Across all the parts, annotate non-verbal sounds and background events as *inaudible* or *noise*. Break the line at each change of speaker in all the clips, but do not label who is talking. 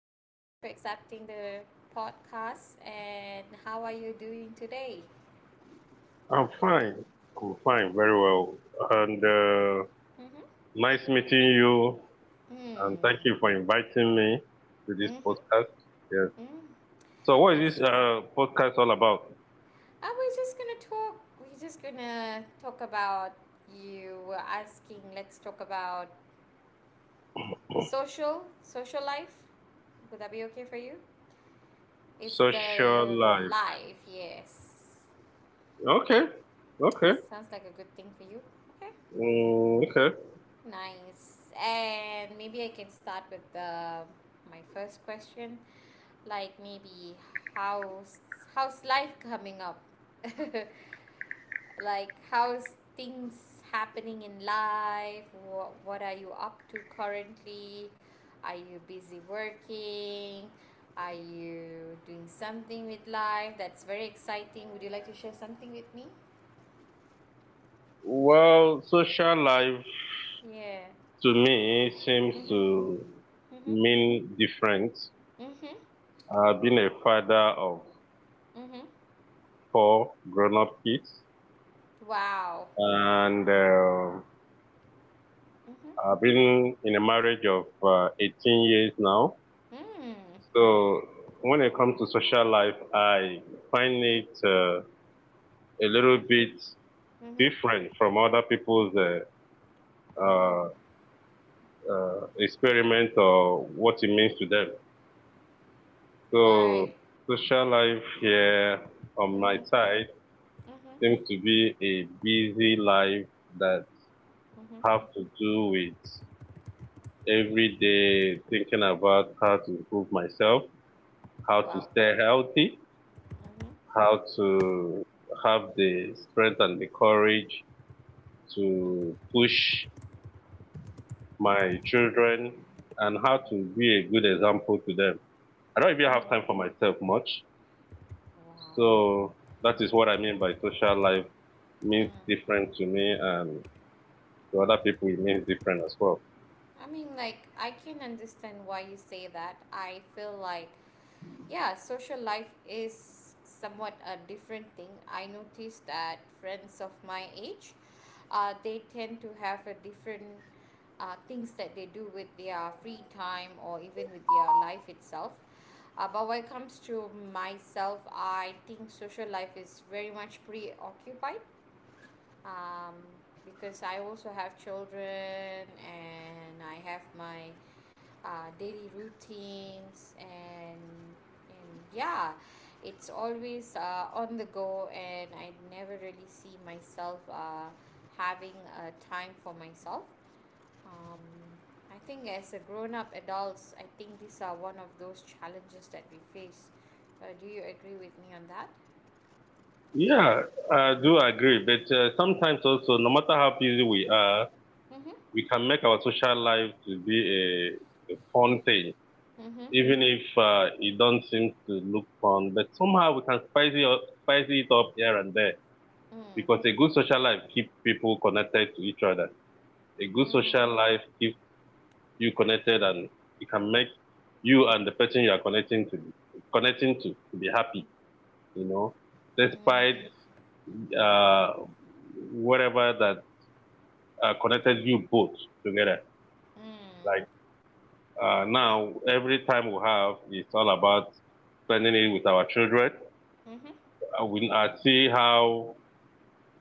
for accepting the podcast. And how are you doing today?
I'm fine. I'm fine, very well. And nice meeting you. And thank
Mm,
you for inviting me to this podcast. Yes.
mm-hmm.
So, what is this podcast all about?
Are we just gonna talk? We're just gonna talk about you were asking. Let's talk about social life. Would that be okay for you? It's
Social
the
life.
life. Yes,
Okay. Okay.
sounds like a good thing for you. Okay.
Mm, okay.
Nice. And maybe I can start with the my first question, like maybe how's how's life coming up? *laughs* Like how's things happening in life? What are you up to currently? Are you busy working? Are you doing something with life that's very exciting? Would you like to share something with me?
Well, social life
Yeah.
to me seems
Mhm.
to
Mhm.
mean different.
Mhm.
I've been a father of
Mhm.
four grown up kids.
Wow.
And
Mhm.
I've been in a marriage of 18 years now.
Mm.
So when it comes to social life, I find
Mm.
it a little
Mhm.
bit
Mhm.
different from other people's uh,
Oh,
experiment or what it means to them. So
right.
social life here on
Mhm.
my
Mhm.
side seems to be a busy life that
Mhm.
have to do with every day thinking about how to improve myself, how to
Wow.
stay healthy,
Mhm.
how to have the strength and the courage to push my children and how to be a good example to them. I don't even have time
Mm.
for myself much.
Wow.
So that is what I
Mhm.
mean by social life means
Mm.
different to me and to other people it means different as well.
I can understand why you say that. I feel like, yeah, social life is somewhat a different thing. I noticed that friends of my age, they tend to have a different things that they do with their free time or even with their life itself. But when it comes to myself, I think social life is very much preoccupied, um, because I also have children and I have my daily routines and yeah, it's always on the go and I never really see myself having a time for myself. Um, I think as a grown up adults, I think these are one of those challenges that we face. Do you agree with me on that?
Yeah, I do agree. But sometimes also, no matter how busy we are,
Mm-hmm.
we can make our social life to be a fun thing
Mm-hmm.
even if it don't seem to look fun, but somehow we can spice it up here and there because
Mm.
a good social life keeps people connected to each other. A good
Mm.
social life keeps you connected and it can make you and the person you are connecting to be happy, you know, despite
Mm.
uh, whatever that connected you both together.
Mm.
Like now, every time we have, it's all about spending it with our children.
Mhm.
I see how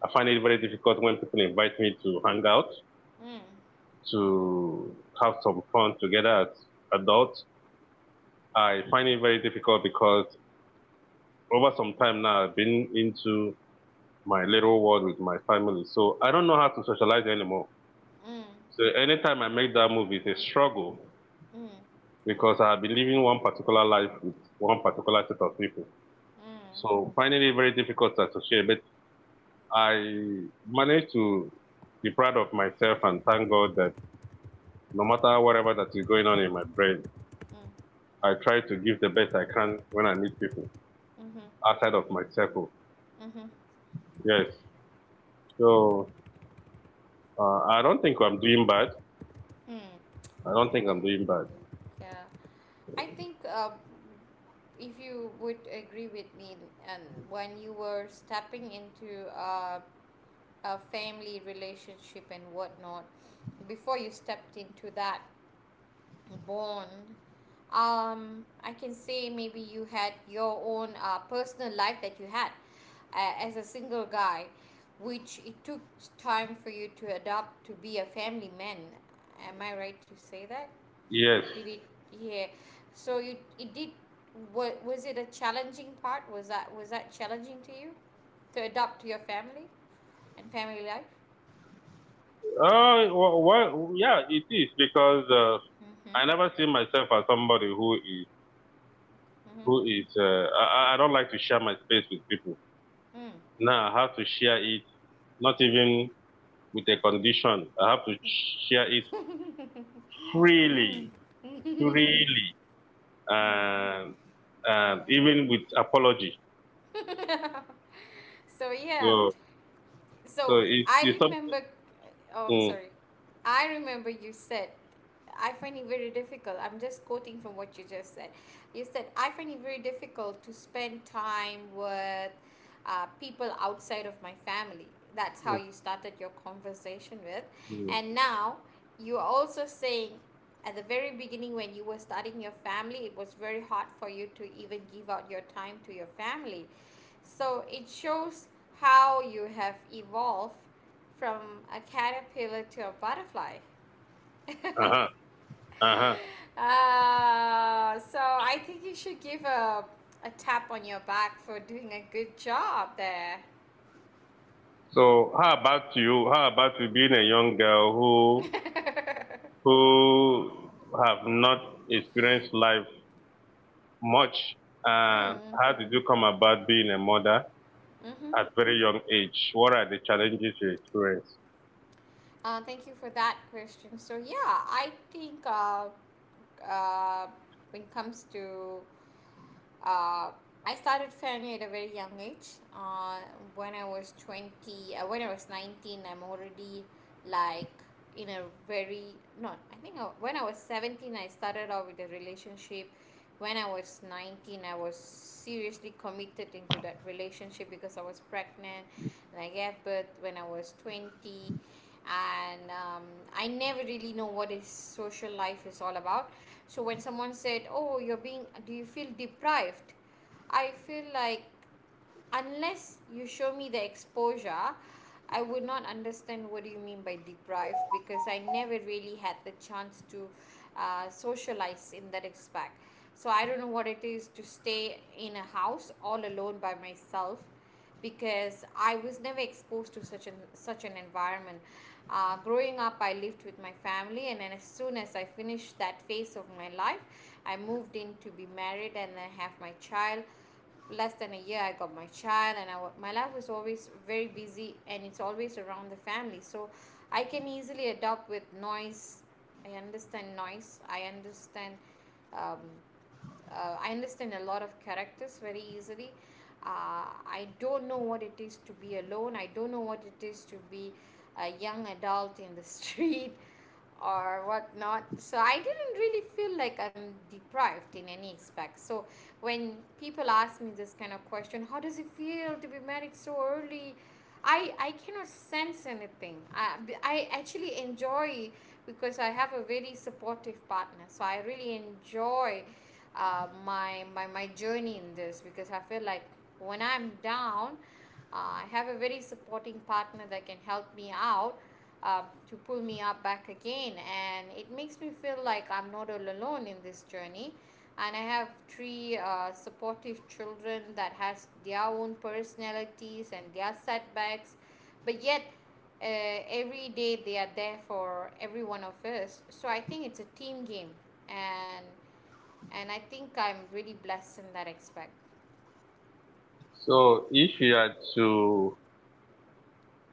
I find it very difficult when people invite me to hang out,
Mm.
to have some fun together as adults. I find it very difficult because over some time now I've been into my little world with my family. So I don't know how to socialize anymore.
Mm.
So anytime I make that move it's a struggle
Mm. Mm.
because I've been living one particular life with one particular set of people. So finding it very difficult to associate. But I managed to be proud of myself and thank God that no matter whatever that is going on in my brain,
Mm.
I try to give the best I can when I meet people
Mhm.
outside of my circle.
Mhm.
Yes. So I don't think I'm doing bad.
Mm.
I don't think I'm doing bad.
Yeah. I think if you would agree with me, and when you were stepping into a family relationship and whatnot, before you stepped into that bond, I can say maybe you had your own personal life that you had as a single guy, which it took time for you to adopt to be a family man. Am I right to say that?
Yes.
Did it, yeah, so you it did, wa- was it a challenging part was that challenging to you to adopt to your family and family life?
Yeah, it is because
Mm-hmm.
I never see myself as somebody who is
Mm-hmm.
who is. I don't like to share my space with people.
Mm.
Now I have to share it. Not even with a condition. I have to share it freely, freely, and
Mm.
even with apology.
*laughs* So yeah,
So so
so
it's it's
I
something.
remember, oh, I'm
Mm,
sorry. I remember you said, I find it very difficult. I'm just quoting from what you just said. You said, I find it very difficult to spend time with people outside of my family. That's how you started your conversation with. And
mm,
now you're also saying, at the very beginning, when you were starting your family, it was very hard for you to even give out your time to your family. So it shows how you have evolved from a caterpillar to a butterfly.
uh-huh,
*laughs*
uh-huh.
So I think you should give a tap on your back for doing a good job there.
So how about you? How about you being a young girl
*laughs*
who
Mm,
who have not experienced life much? And
mm-hmm.
how did you come about being a mother at very young age? What are the challenges you experience?
Thank you for that question. So yeah, I think uh, when it comes to, uh, I started family at a very young age. When I was 20, when I was 19, I'm already like in a very, no, I think when I was 17, I started out with a relationship. When I was 19, I was seriously committed into that relationship because I was pregnant and I gave birth when I was 20. And I never really know what his social life is all about. So when someone said, oh, you're being do you feel deprived? I feel like, unless you show me the exposure, I would not understand what do you mean by deprived, because I never really had the chance to socialize in that aspect. So I don't know what it is to stay in a house all alone by myself, because I was never exposed to such an environment. Growing up, I lived with my family, and then as soon as I finished that phase of my life, I moved in to be married and then have my child. Less than a year I got my child, and my life was always very busy and it's always around the family. So I can easily adapt with noise. I understand noise. I understand, um, I understand a lot of characters very easily. I don't know what it is to be alone. I don't know what it is to be a young adult in the *laughs* street or whatnot. So I didn't really feel like I'm deprived in any aspect. So when people ask me this kind of question, how does it feel to be married so early? I cannot sense anything. I actually enjoy, because I have a very supportive partner. So I really enjoy my my journey in this, because I feel like when I'm down, I have a very supporting partner that can help me out to pull me up back again. And it makes me feel like I'm not all alone in this journey. And I have 3 supportive children that has their own personalities and their setbacks, but yet every day they are there for every one of us. So I think it's a team game, and and I think I'm really blessed in that aspect.
So if you are to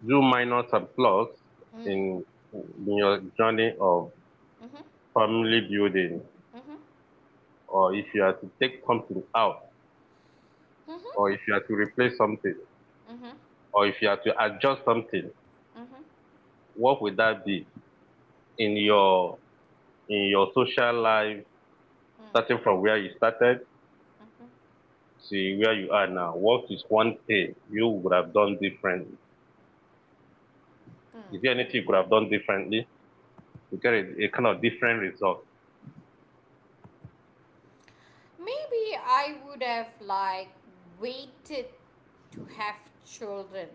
do minor subplots
Mm.
in in your journey of
Mm-hmm.
family building,
Mm-hmm.
or if you are to take something out,
Mm-hmm.
or if you are to replace something,
Mm-hmm. Mm-hmm.
or if you are to adjust something,
Mm-hmm.
what would that be in your in your social life, starting from where you started
Mm-hmm.
to where you are now? What is one thing you would have done differently? Is there anything you could have done differently to get a kind of different result?
Maybe I would have like waited to have children,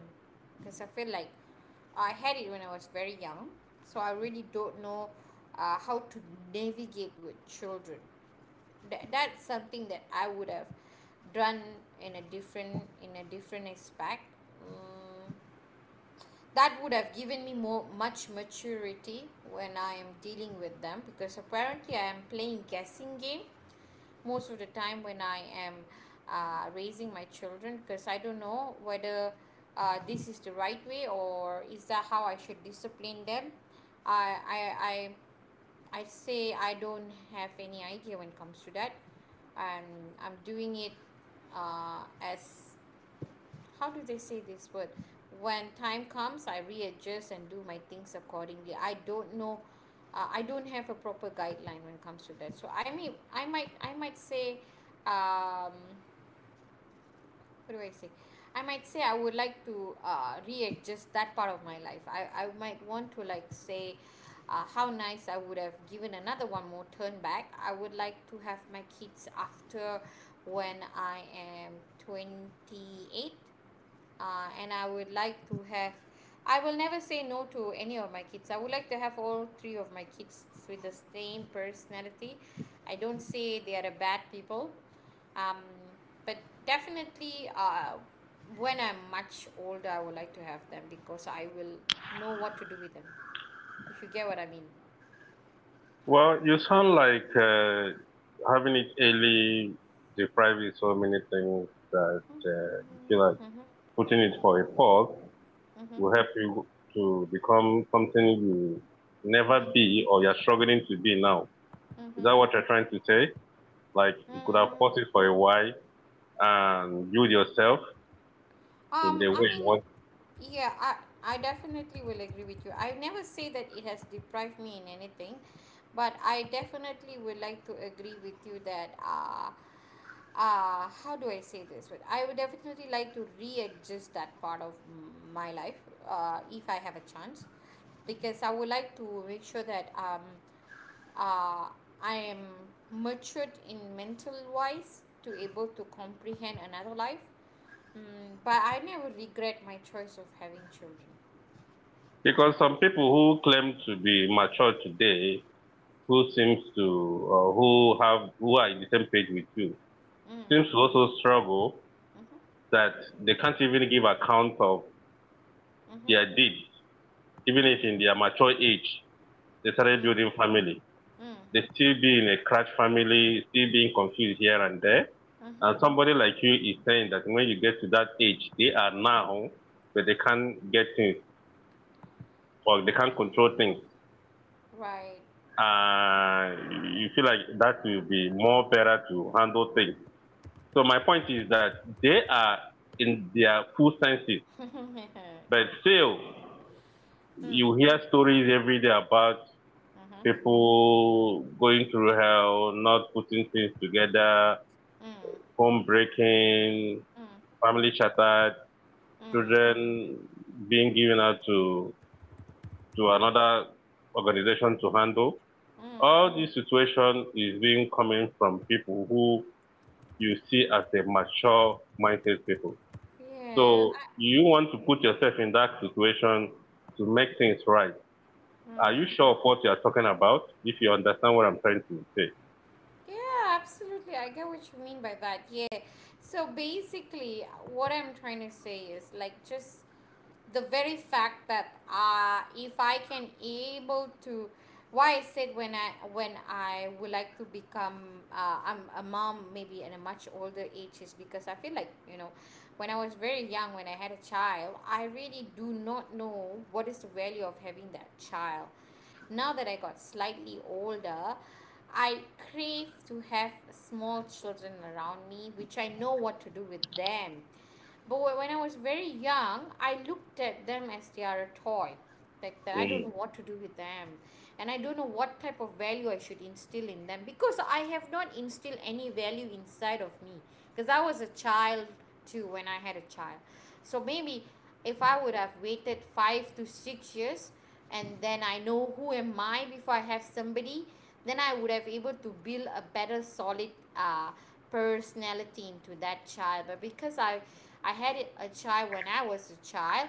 because I feel like I had it when I was very young, so I really don't know how to navigate with children. That's something that I would have done in a different, in a different aspect. Mm, that would have given me more much maturity when I am dealing with them, because apparently I am playing guessing game most of the time when I am raising my children, because I don't know whether this is the right way or is that how I should discipline them. i i i, I say I don't have any idea when it comes to that, and I'm doing it, as how do they say this word, when time comes I readjust and do my things accordingly. I don't know, I don't have a proper guideline when it comes to that. So I mean, I might say, um what do I say I might say I would like to readjust that part of my life. I might want to like say, how nice, I would have given another one more turn back. I would like to have my kids after when I am 28, and I would like to have, I will never say no to any of my kids. I would like to have all three of my kids with the same personality. I don't say they are a bad people, um, but definitely, when I'm much older, I would like to have them, because I will know what to do with them. If you get what I mean.
Well, you sound like having it early deprives you so many things that you feel like putting it for a pause
Mm-hmm.
will help you to become something you never be or you're struggling to be now. Is
Mm-hmm.
that what you're trying to say? Like you could have
Mm.
paused it for a while and build yourself in
Um,
the way
I
you
mean,
want.
yeah, I definitely will agree with you. I never say that it has deprived me in anything, but I definitely would like to agree with you that, how do I say this? But I would definitely like to readjust that part of my life if I have a chance, because I would like to make sure that uh, I am matured in mental wise to able to comprehend another life. Mm, but I never regret my choice of having children.
Because some people who claim to be mature today, who seems to, or who have, who are in the same page with you,
Mm,
seems to also struggle
mhm,
that they can't even give account of
mhm,
their deeds, even if in
mm,
their mature age they started
mm,
building family.
mm,
They still be in a crash family, still being confused here and there.
mhm.
And somebody like you is saying that when you get to that age, they are now, but they can't get things or they can't control things.
Right.
Uh, you feel like that will be more better to handle things. So my point is that they are in their full senses,
*laughs* Mm,
but still
mhm.
you hear stories every day about people going through hell, not putting things together, home breaking, family shattered, children being given out to another organization to handle. All this situation is being coming from people who you see as a mature mindset people.
Yeah.
So you want to put yourself in that situation to make things right. Are you
Mm.
sure of what you are talking about? If you understand what I'm trying to say.
Yeah, absolutely. I get what you mean by that. Yeah. So basically, what I'm trying to say is like just the very fact that if I can able to why I said when I would like to become, I'm a mom maybe in a much older age, is because I feel like, you know, when I was very young when I had a child, I really do not know what is the value of having that child. Now that I got slightly older, I crave to have small children around me, which I know what to do with them. But when I was very young, I looked at them as they are a toy. Like that, I don't
Mm,
know what to do with them, and I don't know what type of value I should instill in them, because I have not instilled any value inside of me. Because I was a child too when I had a child, so maybe if I would have waited 5 to 6 years, and then I know who am I before I have somebody, then I would have able to build a better solid uh, personality into that child. But because I had a child when I was a child,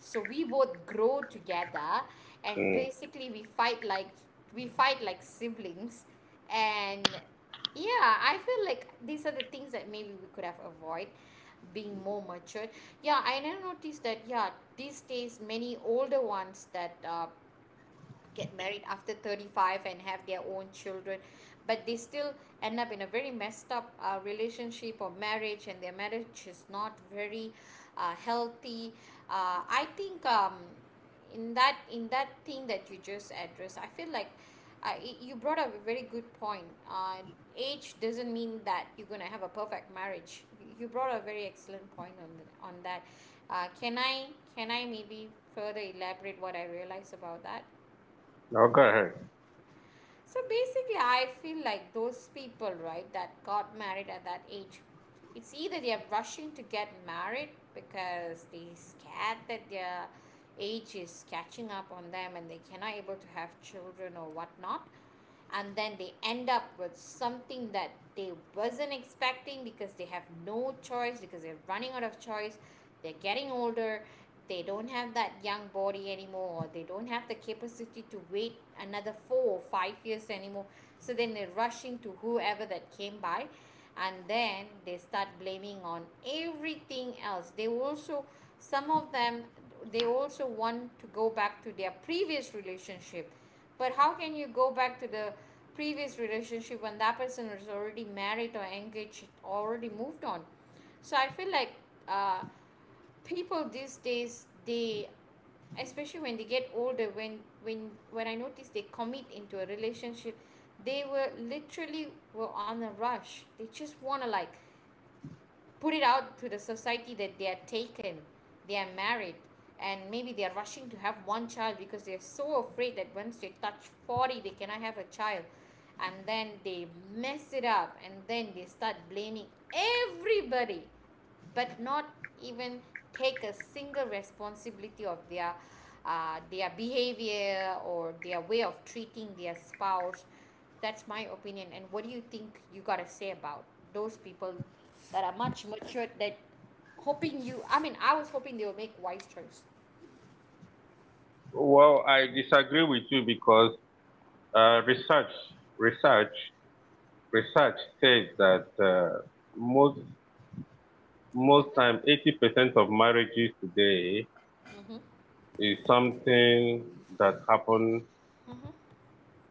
so we both grow together and
mm.
basically we fight like, we fight like siblings. And yeah, I feel like these are the things that maybe we could have avoid being more matured. Yeah, I never noticed that. Yeah, these days many older ones that get married after 35 and have their own children, but they still end up in a very messed up relationship or marriage, and their marriage is not very healthy. Uh, I think, in that thing that you just addressed, I feel like you brought up a very good point. Uh, age doesn't mean that you're going to have a perfect marriage. You brought a very excellent point on, the, on that. Uh, can I, can I maybe further elaborate what I realized about that?
Now,
So basically, I feel like those people, right, that got married at that age, it's either they're rushing to get married because they scared that their age is catching up on them and they cannot able to have children or whatnot, and then they end up with something that they wasn't expecting because they have no choice, because they're running out of choice, they're getting older, they don't have that young body anymore, or they don't have the capacity to wait another 4 or 5 years anymore. So then they're rushing to whoever that came by, and then they start blaming on everything else. They also, some of them, they also want to go back to their previous relationship. But how can you go back to the previous relationship when that person is already married or engaged, already moved on? So I feel like uh, people these days, they, especially when they get older, when I notice they commit into a relationship, they were literally were on a rush. They just want to like put it out to the society that they are taken, they are married, and maybe they are rushing to have one child because they are so afraid that once they touch 40, they cannot have a child. And then they mess it up and then they start blaming everybody but not even take a single responsibility of their behavior or their way of treating their spouse. That's my opinion. And what do you think you got to say about those people that are much matured that, hoping you, I mean, I was hoping they will make wise choice.
well, I disagree with you because uh, research, research, research says that most most time, 80% of marriages today is something that happen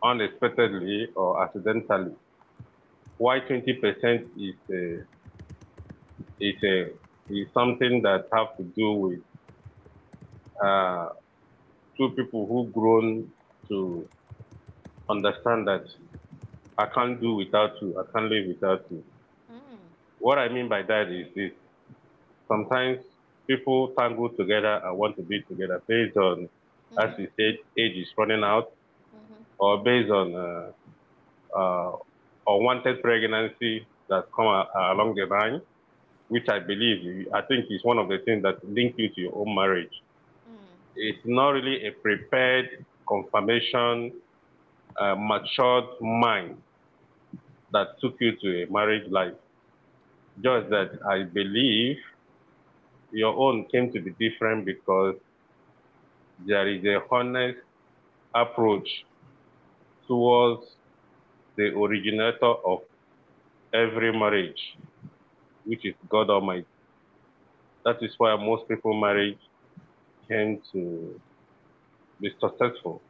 unexpectedly or accidentally. Why 20% is a, is something that have to do with uh, two people who grown to understand that I can't do without you, I can't live without you. What I mean by that is this sometimes people tangle together and want to be together based on, as you
Hmm.
said, age is running out, or based on uh, unwanted pregnancy that along the line, which I believe, I think is one of the things that link you to your own marriage. It's not really a prepared confirmation, matured mind that took you to a marriage life. Just that I believe your own came to be different because there is a honest approach towards the originator of every marriage, which is God Almighty. That is why most people marriage came to be successful.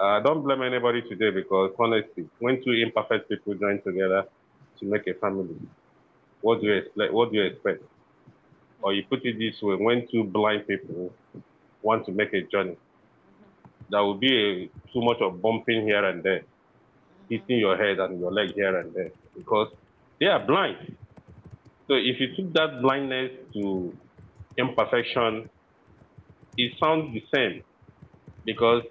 I don't blame anybody today because honestly, when two imperfect people join together to make a family, what do you expect? What do you expect? Or you put it this way, when two blind people want to make a journey, there will be too much of bumping here and there, hitting your head and your leg here and there because they are blind. So if you took that blindness to imperfection, it sounds the same because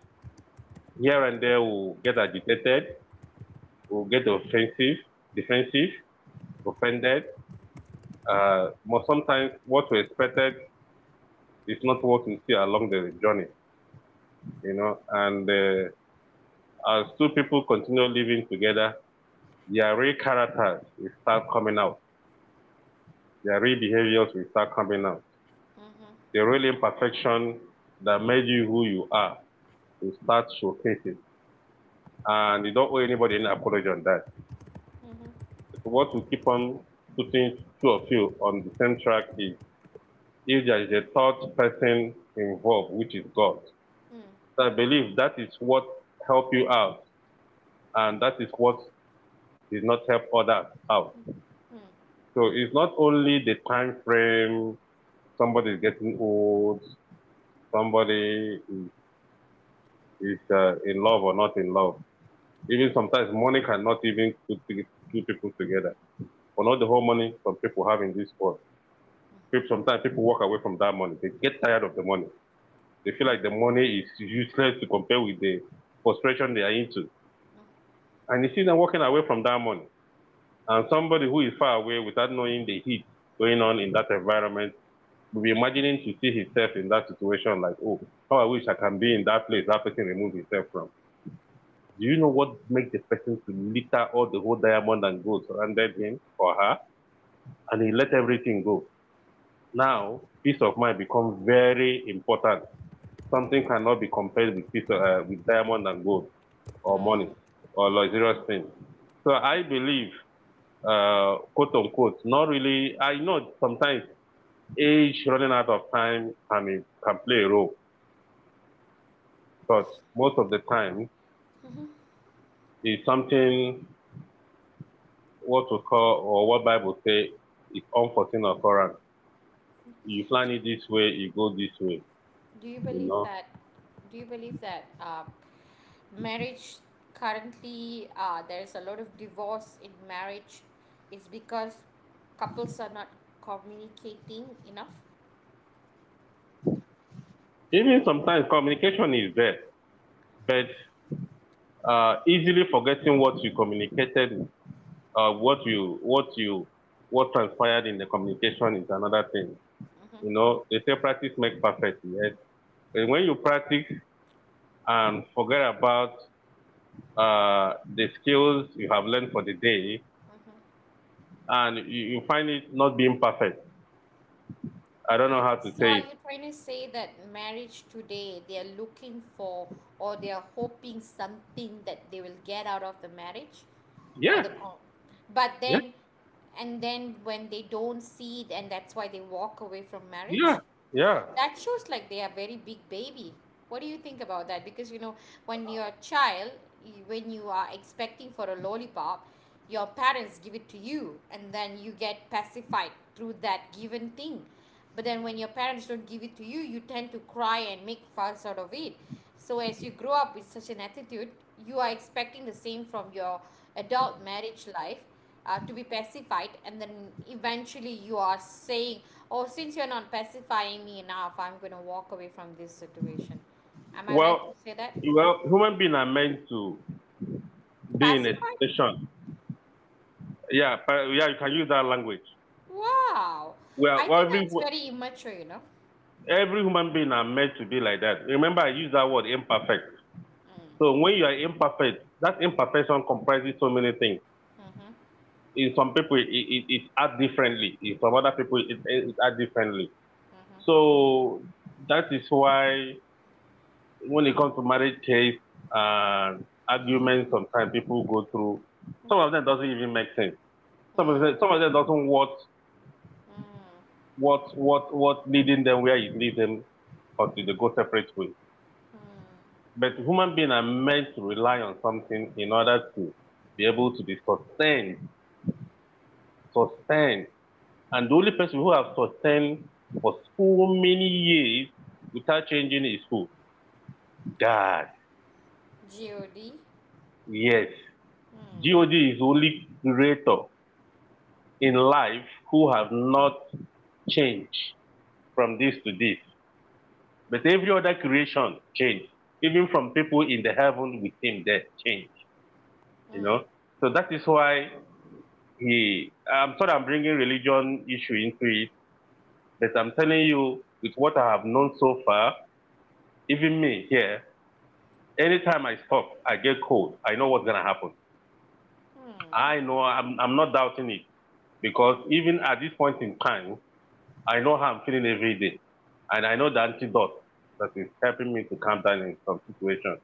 here and there we'll get agitated, we'll get offensive, defensive, offended. But sometimes what we expected is not what we see along the journey, And as two people continue living together, their real characters will start coming out. Their real behaviors will start coming out. The real imperfection that made you who you are will start showcasing. And you don't owe anybody any apology on that.
Hmm.
So what will keep on putting two of you on the same track is if there is a third person involved, which is God.
Hmm.
So I believe that is what help you out, and that is what did not help others out. So it's not only the time frame, somebody is getting old, somebody is in love or not in love. Even sometimes money cannot even put two people together. But not the whole money some people have in this world. Sometimes people walk away from that money. They get tired of the money. They feel like the money is useless to compare with the frustration they are into. And you see them walking away from that money. And somebody who is far away without knowing the heat going on in that environment will be imagining to see himself in that situation like, oh, how I wish I can be in that place that person removed himself from. Do you know what makes the person to litter all the whole diamond and gold surrounded him or her? And he let everything go. Now, peace of mind become very important. Something cannot be compared with peace, with diamond and gold or money or luxurious things. So I believe, quote unquote, not really. I know sometimes age running out of time can play a role, but most of the time it's something what we call or what Bible say is unforeseen occurrence. You plan it this way, you go this way.
Do you
You
believe
know,
that? Do you believe that marriage currently, there is a lot of divorce in marriage, is because couples are not communicating enough?
even sometimes communication is there, but easily forgetting what you communicated, uh, what you what you what transpired in the communication is another thing. You know, they say practice make perfect. Yes, but when you practice and forget about the skills you have learned for the day, and you find it not being perfect. I don't know how to
So
say
are
it.
you trying to say that marriage today they are looking for, or they are hoping something that they will get out of the marriage, or the
Yeah,
con, but
yeah,
then, and then when they don't see it, and that's why they walk away from
yeah,
marriage?
yeah.
That shows like they are very big baby. What do you think about that? Because you know, when you're a child, you- when you are expecting for a lollipop, your parents give it to you and then you get pacified through that given thing. But then when your parents don't give it to you, you tend to cry and make fuss out of it. So as you grow up with such an attitude, you are expecting the same from your adult marriage life, to be pacified, and then eventually you are saying, oh, since you're not pacifying me enough, I'm going to walk away from this situation. Am I right
Well,
to say that?
well, human beings are meant to be in a
Pacified.
station. Yeah, but yeah, you can use that language.
Wow.
Well,
I
well,
think
every
that's very immature, you know.
every human being are meant to be like that. Remember, I use that word imperfect. So when you are imperfect, that imperfection comprises so many things.
Mm-hmm.
In some people, it act differently. In some other people, it act differently. So that is why. When it comes to marriage case and arguments, sometimes people go through. Some of them doesn't even make sense. Some of them doesn't what what leading them where you lead them until they go separate ways. But human beings are meant to rely on something in order to be able to be sustained. And the only person who have sustained for so many years without changing is who? God.
God.
Yes.
Mm.
God is the only creator in life who have not changed from this to this. But every other creation changed. Even from people in the heaven with him, they changed, you know. So that is why he, I'm sorry I'm bringing religion issue into it, but I'm telling you with what I have known so far, even me here, anytime I stop, I get cold. I know what's going to happen. I know I'm not doubting it because even at this point in time, I know how I'm feeling every day. And I know the antidote that is helping me to calm down in some situations.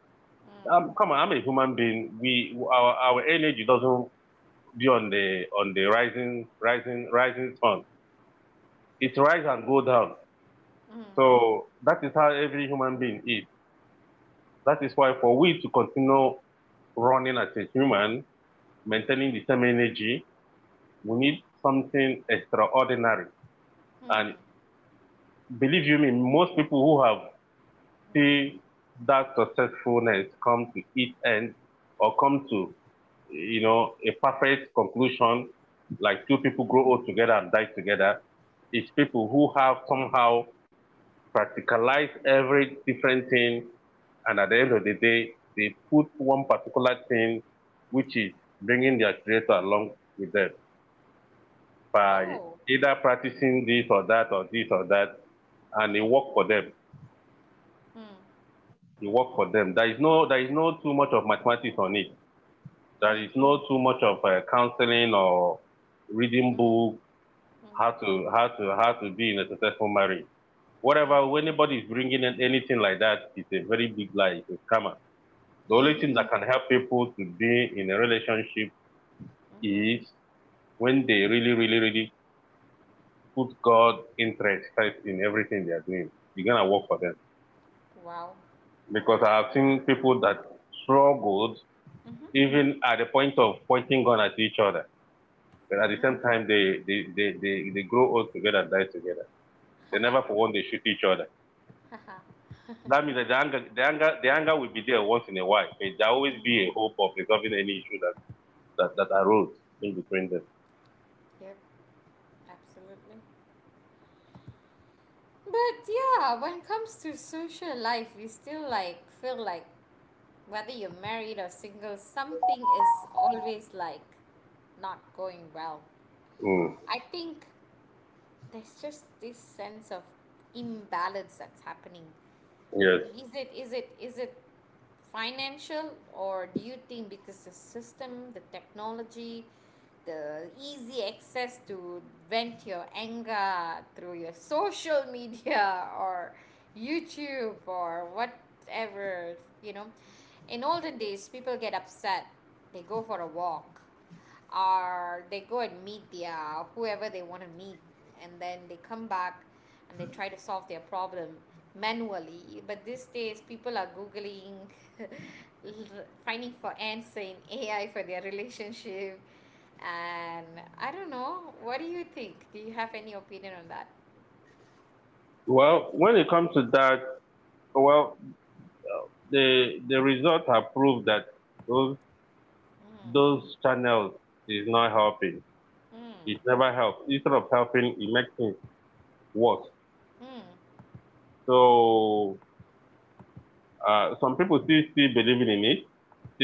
Come on, I'm a human being. We our energy doesn't be on the rising sun. It rise and go down. So that is how every human being is. That is why for we to continue running as a human, maintaining the same energy, we need something extraordinary. And
Hmm.
believe you me, most people who have see that successfulness come to its end or come to, you know, a perfect conclusion like two people grow old together and die together is people who have somehow practicalized every different thing, and at the end of the day they put one particular thing, which is bringing their creator along with them by
Oh.
either practicing this or that or this or that, and it
Hmm.
worked for them.
Hmm.
The work for them. There is no too much of mathematics on it.
Hmm.
There is no too much of counseling or reading book
Hmm.
how to how to be in a successful marriage. Whatever when anybody is bringing in anything like that, it's a very big lie. It's a scammer. The only thing that can help people to be in a relationship
Mm-hmm.
is when they really put God interest first in everything they are doing. You're gonna work for them
Wow.
because I have seen people that struggled
Mm-hmm.
even at the point of pointing gun at each other. But
Mm-hmm.
at the same time, they grow old together and die together. They
*laughs* Haha.
never for one they shoot each other.
Haha.
That means that the anger will be there once in a while, but there will always
Mm.
be a hope of resolving any issue that that arose in between them.
Yep. Absolutely. But yeah, when it comes to social life, we still like feel like whether you're married or single, something is always like not going well.
Mm,
I think there's just this sense of imbalance that's happening.
yes.
Is it financial, or do you think because the system, the technology, the easy access to vent your anger through your social *laughs* media or YouTube or whatever, you know. In olden days people get upset, they go for a walk or they go and meet their whoever they want to meet and then they come back and they try to solve their problem manually. But these days people are googling, finding for answer in ai for their relationship, and I don't know, what do you think? Do you have any opinion on that?
Well, when it comes to that, well, the results have proved that those those channels is not helping. It never helps. Instead of helping, it makes things worse.
Mm.
So some people still believing in it,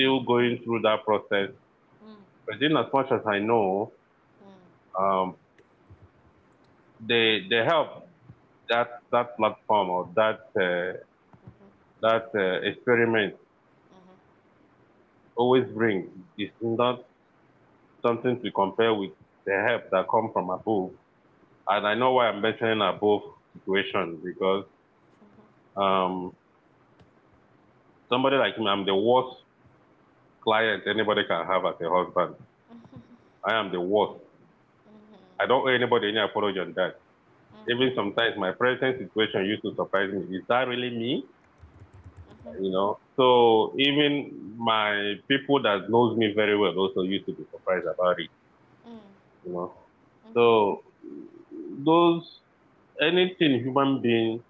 Mm.
going through that process.
Mm.
But in as much as I know, um, they help that platform or that that experiment always bring. It's not something to compare with the help that come from above. And I know why I'm mentioning above situation because um, somebody like me, I'm the worst client anybody can have as a husband. I am the worst. I don't owe anybody any apology on that. Even sometimes my present situation used to surprise me. Is that really me? You know. So even my people that knows me very well also used to be surprised about it. You know. So those anything human being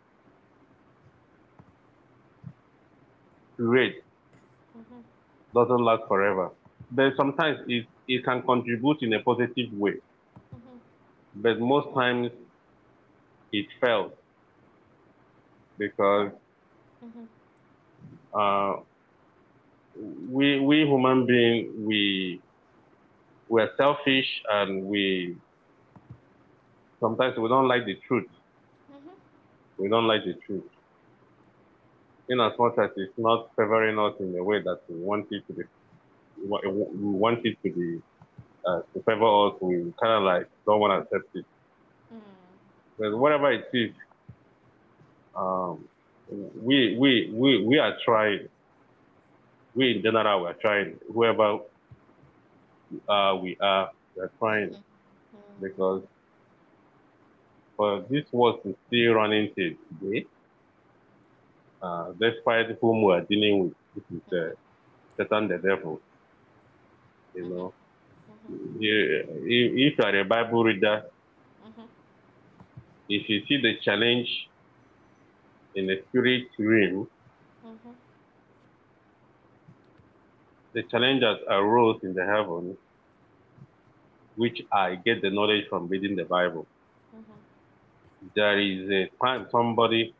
create doesn't last forever. But sometimes it can contribute in a positive way. But most times it fails because
Mhm. Mhm.
uh, we we human being we are selfish and we sometimes we don't like the truth.
Mhm.
We don't like the truth. In as much as it's not favoring us in the way that we want it to be, we want it to be, to favor us, we kind of like don't want to accept it. But whatever it is, um, we are trying. We in general, we are trying. Whoever we are
Mhm. Mhm. Mhm. Mhm. Mhm.
trying
Mhm. Mhm.
because for this world to still running till today, despite whom we are dealing with, this is Satan the devil, you know you, if you are a Bible reader, if you see the challenge in the spirit realm, the challenge that arose in the heaven, which I get the knowledge from reading the Bible. There is a time somebody,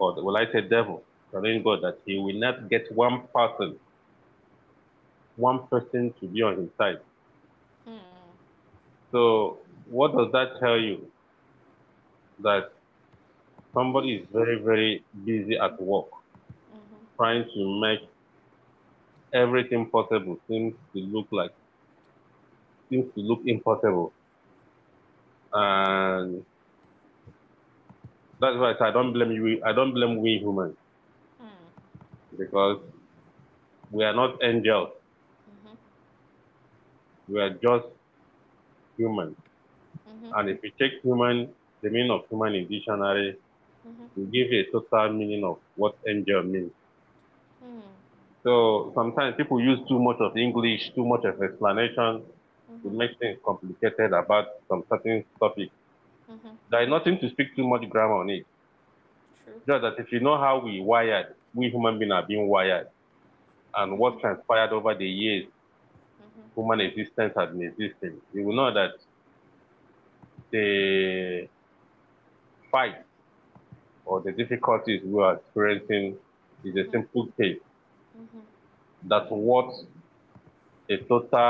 or the, will I say devil, telling God that he will not get one person to be on his side. So what does that tell you? That somebody is very, very busy at work, trying to make everything possible seems to look like, seems to look impossible. And that's why I say I don't blame you. I don't blame we humans because we are not angels. We are just human.
Mhm. Mhm.
And if you take human, the meaning of human in dictionary,
Mhm.
you give a total meaning of what angel means.
Mhm.
So sometimes people use too much of English, too much of explanation to
Mhm.
make things complicated about some certain topic.
Mm-hmm.
There is nothing to speak too much grammar on it.
True.
Just that if you know how we wired, we human beings are being wired, and what transpired over the years
Mm-hmm.
human existence has been existing, you will know that the fight or the difficulties we are experiencing is a simple case that what a total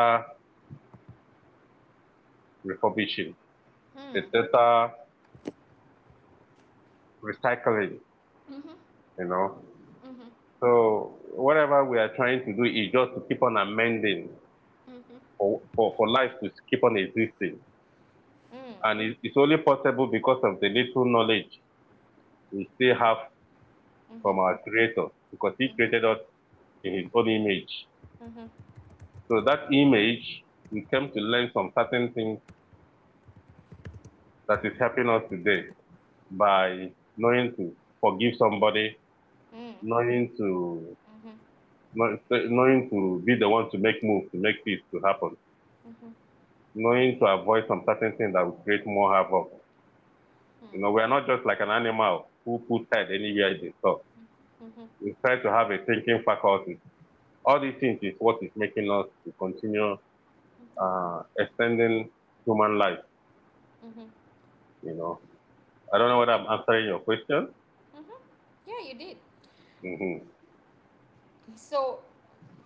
refurbishing, a
Hmm.
total recycling, you know. So whatever we are trying to do is just to keep on amending
Mm-hmm.
for, for life to keep on existing. And it's only possible because of the little knowledge we still have
Mm-hmm.
from our creator because he created us in his own image.
Mm-hmm. Mm-hmm. Mm-hmm.
So that image, we came to learn some certain things that is helping us today by knowing to forgive somebody,
Mm-hmm.
knowing to know- knowing to be the one to make moves, to make peace to happen, knowing to avoid some certain things that will create more havoc. You know, we are not just like an animal who put head anywhere they saw.
Mm-hmm. Mm-hmm. Mm-hmm. Mm-hmm.
We try to have a thinking faculty. All these things is what is making us to continue extending human life.
Mm-hmm.
You know, I don't know whether I'm answering your question.
Mm-hmm. Yeah, you did.
Hmm.
So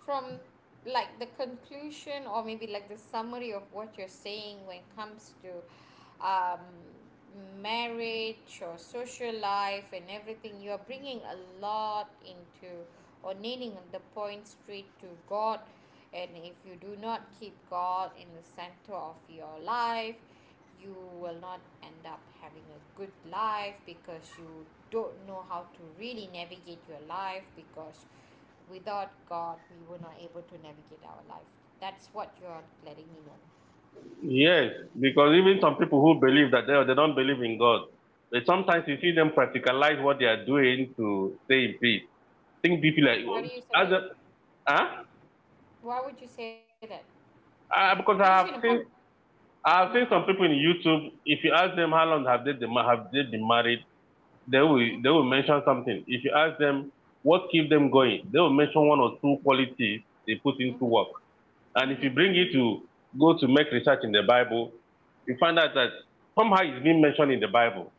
from, like, the conclusion or maybe like the summary of what you're saying, when it comes to um, marriage or social life and everything, you are bringing a lot into, or nailing the point straight to God. And if you do not keep God in the center of your life, you will not end up having a good life because you don't know how to really navigate your life, because without God, we were not able to navigate our life. That's what you're letting me know.
Yes,
Mm.
because even some people who believe that they don't believe in God, but
Mm.
sometimes you see them practicalize what they are doing to stay in peace. Think deeply,
Why
like,
do you
oh,
say that?
as a, huh?
Why would you say that? Because you
Ah,
know,
because
pump. Hmm.
I have seen some people in YouTube. If you ask them how long have they been, have they been married, they will mention something. If you ask them what keep them going, they will mention one or two qualities they put
Hmm.
into work. And
Hmm.
if you bring it to go to make research in the Bible, you find out that somehow it's being mentioned in the Bible.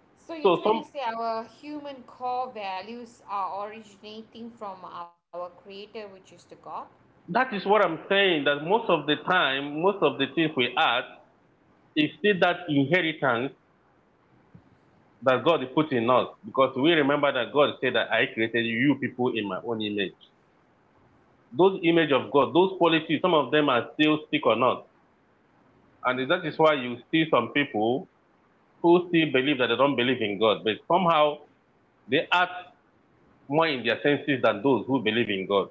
So you're
So
trying to say
some
our human core values are originating from our Creator, which is the God.
that is what I'm saying that most of the time, most of the things we ask is still that inheritance that God put in us. Because we remember that God said that I created you people in my own image. Those image of God, those qualities, some of them are still stick on us. And that is why you see some people who still believe that they don't believe in God, but somehow they act more in their senses than those who believe in God.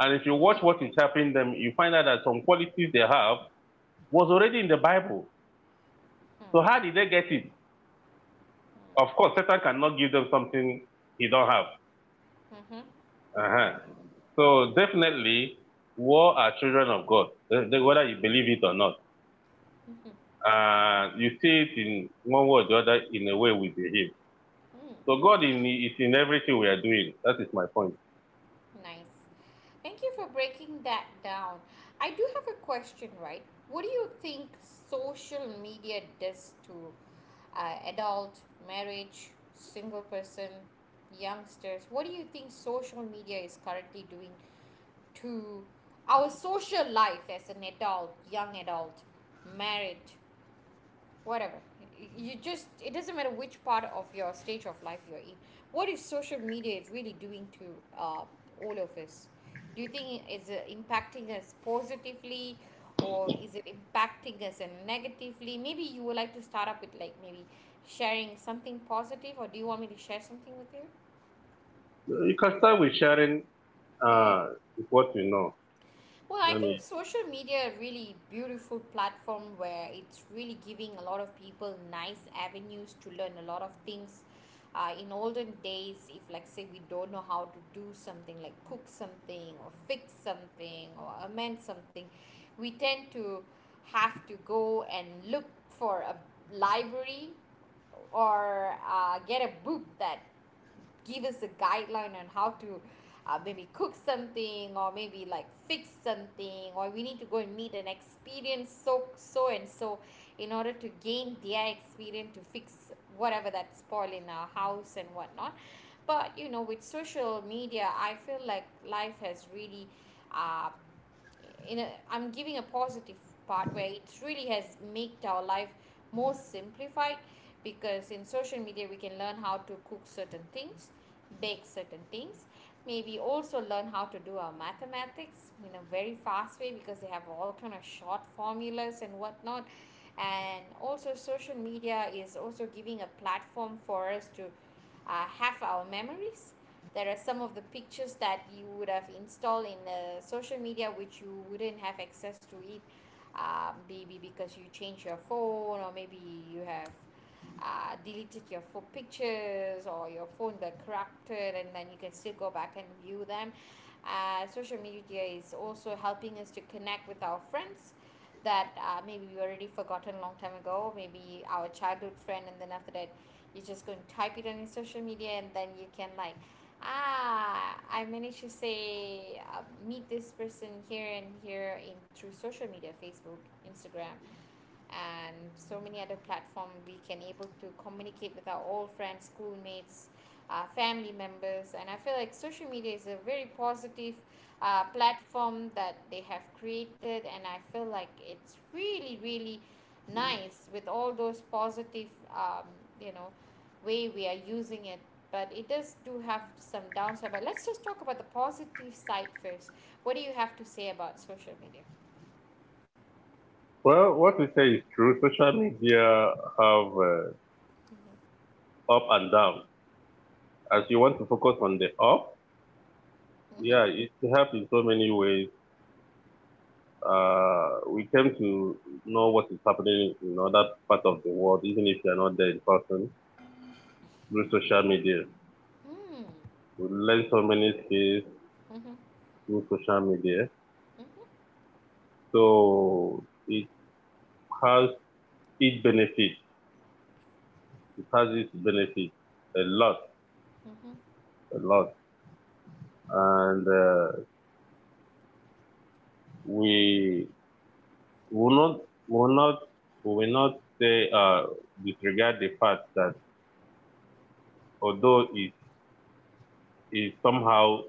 And if you watch what is happening them, you find out that some qualities they have was already in the Bible. So how did they get it? Of course, Satan cannot give them something he don't have.
Mm-hmm.
Uh-huh. So definitely, we are children of God, eh, eh, whether you believe it or not. You see it in one way or the other in the way we behave.
Mm.
So God is in everything we are doing. That is my point.
Nice. Thank you for breaking that down. I do have a question, right? What do you think social media does to adult, marriage, single person, youngsters? What do you think social media is currently doing to our social life as an adult, young adult, married? Whatever, you just, it doesn't matter which part of your stage of life you're in, what is social media really doing to all of us? Do you think is it impacting us positively or is it impacting us and negatively? Maybe you would like to start up with like maybe sharing something positive, or do you want me to share something with you?
You can start with sharing
Mm.
uh, what you know.
Well, I
Let
think
me.
social media a really beautiful platform where it's really giving a lot of people nice avenues to learn a lot of things. In olden days, if like say we don't know how to do something like cook something or fix something or amend something, we tend to have to go and look for a library or get a book that give us a guideline on how to maybe cook something or maybe like fix something, or we need to go and meet an experienced so so and so in order to gain their experience to fix whatever that's spoiled in our house and whatnot. But you know, with social media, I feel like life has really uh, in a, I'm giving a positive part where it really has made our life more simplified, because in social media we can learn how to cook certain things, bake certain things, maybe also learn how to do our mathematics in a very fast way because they have all kind of short formulas and whatnot. And also social media is also giving a platform for us to have our memories. There are some of the pictures that you would have installed in the social media which you wouldn't have access to it, maybe because you change your phone or maybe you have deleted your phone pictures or your phone got corrupted, and then you can still go back and view them. Social media is also helping us to connect with our friends that maybe we already forgotten a long time ago, maybe our childhood friend. And then after that you're just going to type it on your social media and then you can like, ah, I managed to say meet this person here and here in through social media, Facebook, Instagram, and so many other platform we can able to communicate with our old friends, schoolmates, family members. And I feel like social media is a very positive platform that they have created, and I feel like it's really really nice with all those positive, you know, way we are using it. But it does do have some downside. But let's just talk about the positive side first. What do you have to say about social media?
Well, what we say is true. Social media have up and down. As you want to focus on the up,
Mm-hmm.
yeah, it helps in so many ways. We came to know what is happening in other part of the world, even if you are not there in person, through social media.
Mm-hmm.
We learn so many skills
Mm-hmm.
through social media. So it has its benefits. It has its benefits a lot,
Mm-hmm.
a lot. And we we will not we will not we will not say disregard the fact that although it is somehow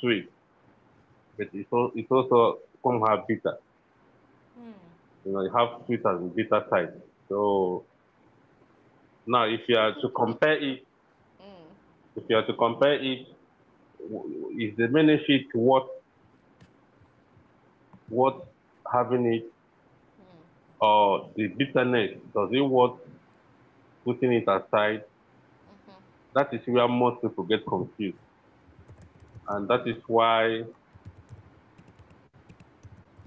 sweet, but it's also somehow bitter.
Mm.
You know, you have sweet and bitter side. So now, if you are to compare it, if you are to compare it, is the benefit what having it
Mm.
or the bitterness does it worth putting it aside?
Mm-hmm.
That is where most people get confused, and that is why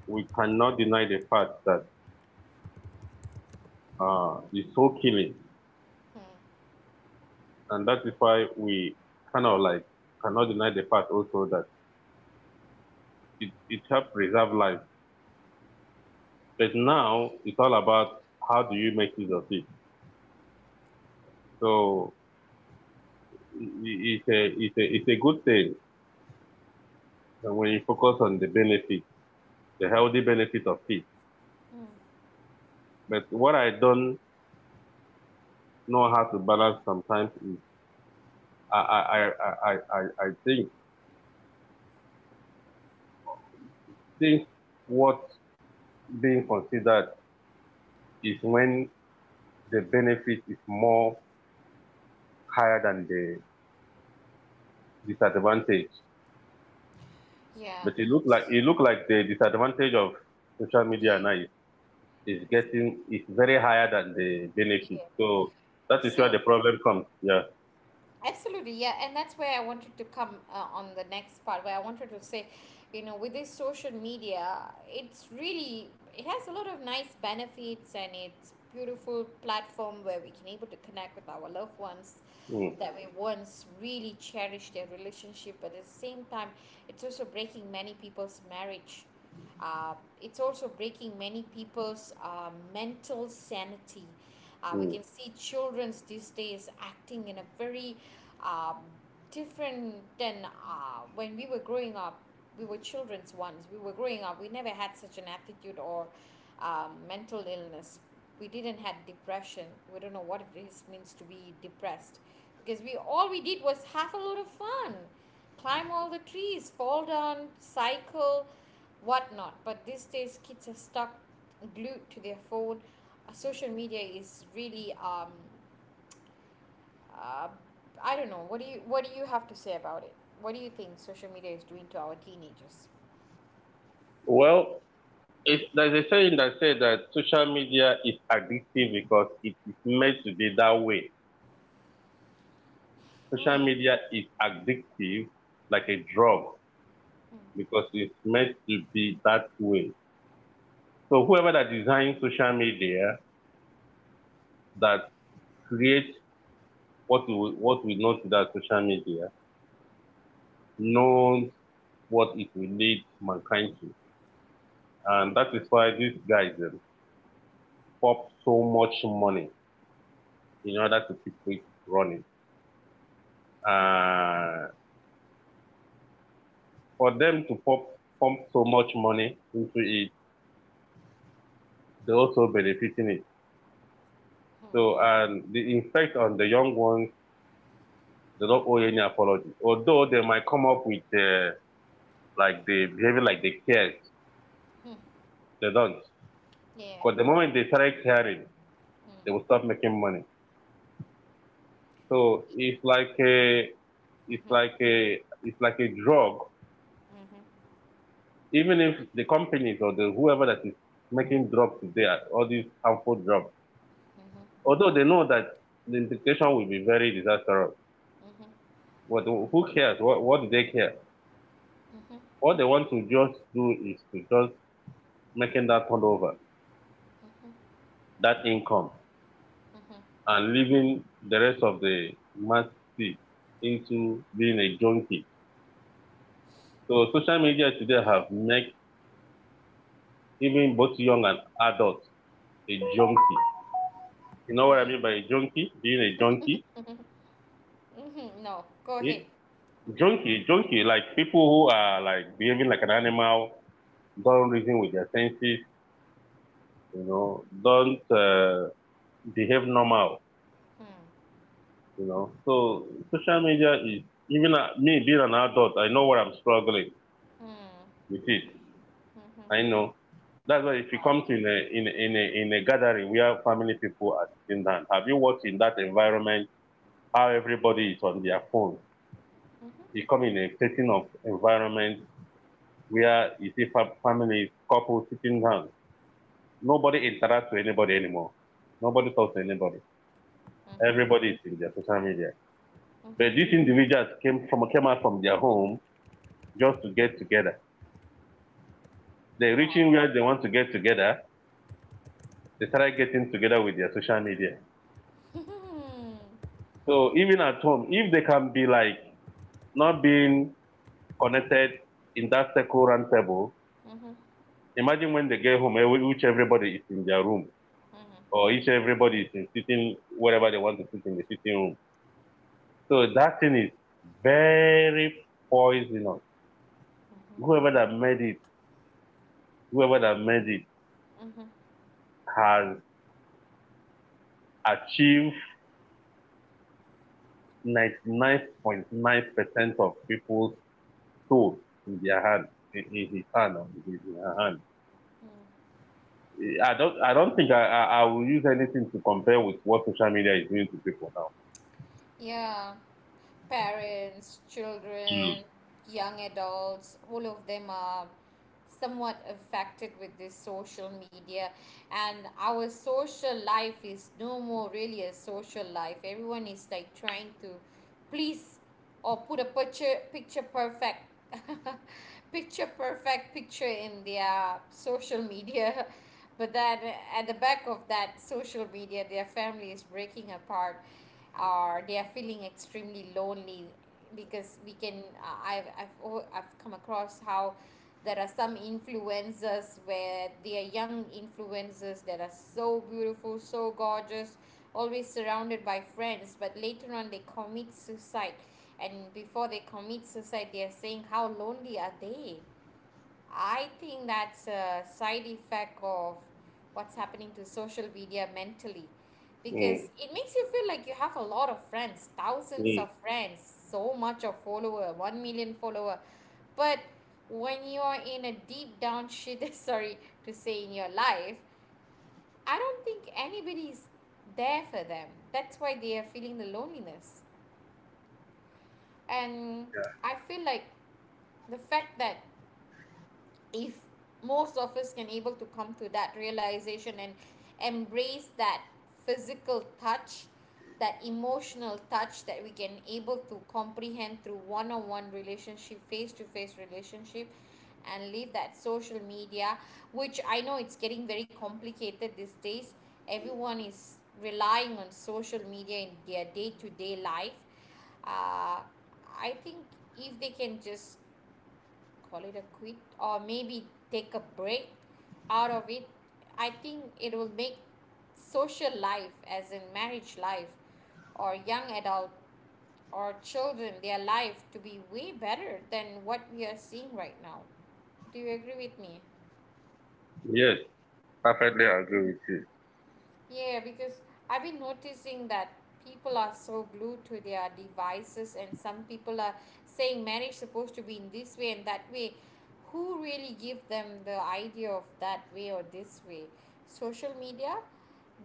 we cannot deny the fact that. Is so killing.
Mm.
And that is why we kind of like cannot deny the fact also that it helps preserve life. But now it's all about how do you make use of it. So it's a good thing when you focus on the benefit, the healthy benefit of it.
Mm.
But what I don't know how to balance sometimes is I, I, I, I, I, I think what being considered is when the benefit is more higher than the disadvantage.
Yeah.
But it look like
S-
it look like the disadvantage of social
Yeah.
media now
It's-
is getting is very higher than the benefit.
yeah.
So that is where the
So
problem comes. Yeah.
absolutely, yeah, and that's where I wanted to come on the next part where I wanted to say, with this social media, it has a lot of nice benefits, and it's beautiful platform where we can able to connect with our loved ones that we
Mm,
once really cherished their relationship. But at the same time, it's also breaking many people's marriage. Uh, it's also breaking many people's mental sanity. We
mm.
can see childrens these days acting in a very um, different than when we were growing up. We were children's once. We were growing up. We never had such an attitude or mental illness. We didn't had depression. We don't know what it is means to be depressed, because we did was have a lot of fun, climb all the trees, fall down, cycle, whatnot. But these days, kids are stuck glued to their phone. Social media is really, uh, I don't know. What do you have to say about it? What do you think social media is doing to our teenagers?
Well, there's a saying that says that social media is addictive because it is meant to be that way. Social media is addictive like a drug because it's meant to be that way. So whoever that designs social media that creates what we know today as social media knows what it will lead mankind to. And that is why these guys pop so much money in order to keep it running. Uh, for them to pop pump so much money into it, they're also benefiting it. So and the effect on the young ones, they don't owe any apology. Although they might come up with like the behavior like they cared, they don't.
Yeah.
Because the moment they start caring, they will stop making money. So it's like a drug.
Mm-hmm.
Even if the companies or the whoever that is making drugs today, all these harmful drugs, although they know that the implication will be very disastrous, but who cares? What do they care? What they want to just do is to just making that turnover, that income, and leaving the rest of the masses into being a junkie. So social media today have made even both young and adults a junkie. You know what I mean by a junkie? Being a junkie?
Mm-hmm. No. Go ahead.
It, Junkie, junkie, like people who are like behaving like an animal, don't reason with their senses, you know, don't behave normal,
Hmm.
you know. So social media is, even me being an adult, I know what I'm struggling
Hmm.
with it. I
Mm-hmm.
know. That's why if you
Wow.
come to in a gathering where family people are sitting down, have you watched in that environment how everybody is on their phone? You
Mm-hmm.
come in a setting of environment where you see families, couples sitting down. Nobody interacts with anybody anymore. Nobody talks to anybody.
Mm-hmm.
Everybody is in their social media. But
Mm-hmm.
these individuals came out from their home just to get together. They're reaching
Wow.
where they want to get together. They started getting together with their social media.
*laughs*
So even at home, if they can be like not being connected in that circle round table,
Mm-hmm. Mm-hmm.
imagine when they get home, eh, which everybody is in their room or each everybody is in sitting wherever they want to sit in the sitting room. So that thing is very poisonous. Whoever that made it, whoever that made it has achieved 99.9% of people's soul in their hand, in his hand or in her hand. I don't think I will use anything to compare with what social media is doing to people now.
Yeah, parents, children, young adults, all of them are somewhat affected with this social media. And our social life is no more really a social life. Everyone is like trying to please or put a picture perfect *laughs* picture perfect picture in their social media. *laughs* But then at the back of that social media, their family is breaking apart or they are feeling extremely lonely, because we can I've have I I've come across how there are some influencers where they are young influencers that are so beautiful, so gorgeous, always surrounded by friends, but later on they commit suicide. And before they commit suicide, they are saying how lonely are they. I think that's a side effect of what's happening to social media mentally,
Mm. Mm.
because it makes you feel like you have a lot of friends, thousands of
Mm.
friends, so much of follower, 1 million follower. But when you are in a deep down shit, *laughs* sorry to say, in your life, I don't think anybody's there for them. That's why they are feeling the loneliness. And I feel like the fact that, if most of us can able to come to that realization and embrace that physical touch, that emotional touch that we can able to comprehend through one-on-one relationship, face-to-face relationship, and leave that social media, which I know it's getting very complicated these days, everyone is relying on social media in their day-to-day life. uh, I think if they can just call it a quit or maybe take a break out of it, I think it will make social life, as in marriage life or young adult or children, their life to be way better than what we are seeing right now. Do you agree with me?
Yes, perfectly agree with you.
Yeah, because I've been noticing that people are so glued to their devices, and some people are saying marriage supposed to be in this way and that way. Who really give them the idea of that way or this way? Social media?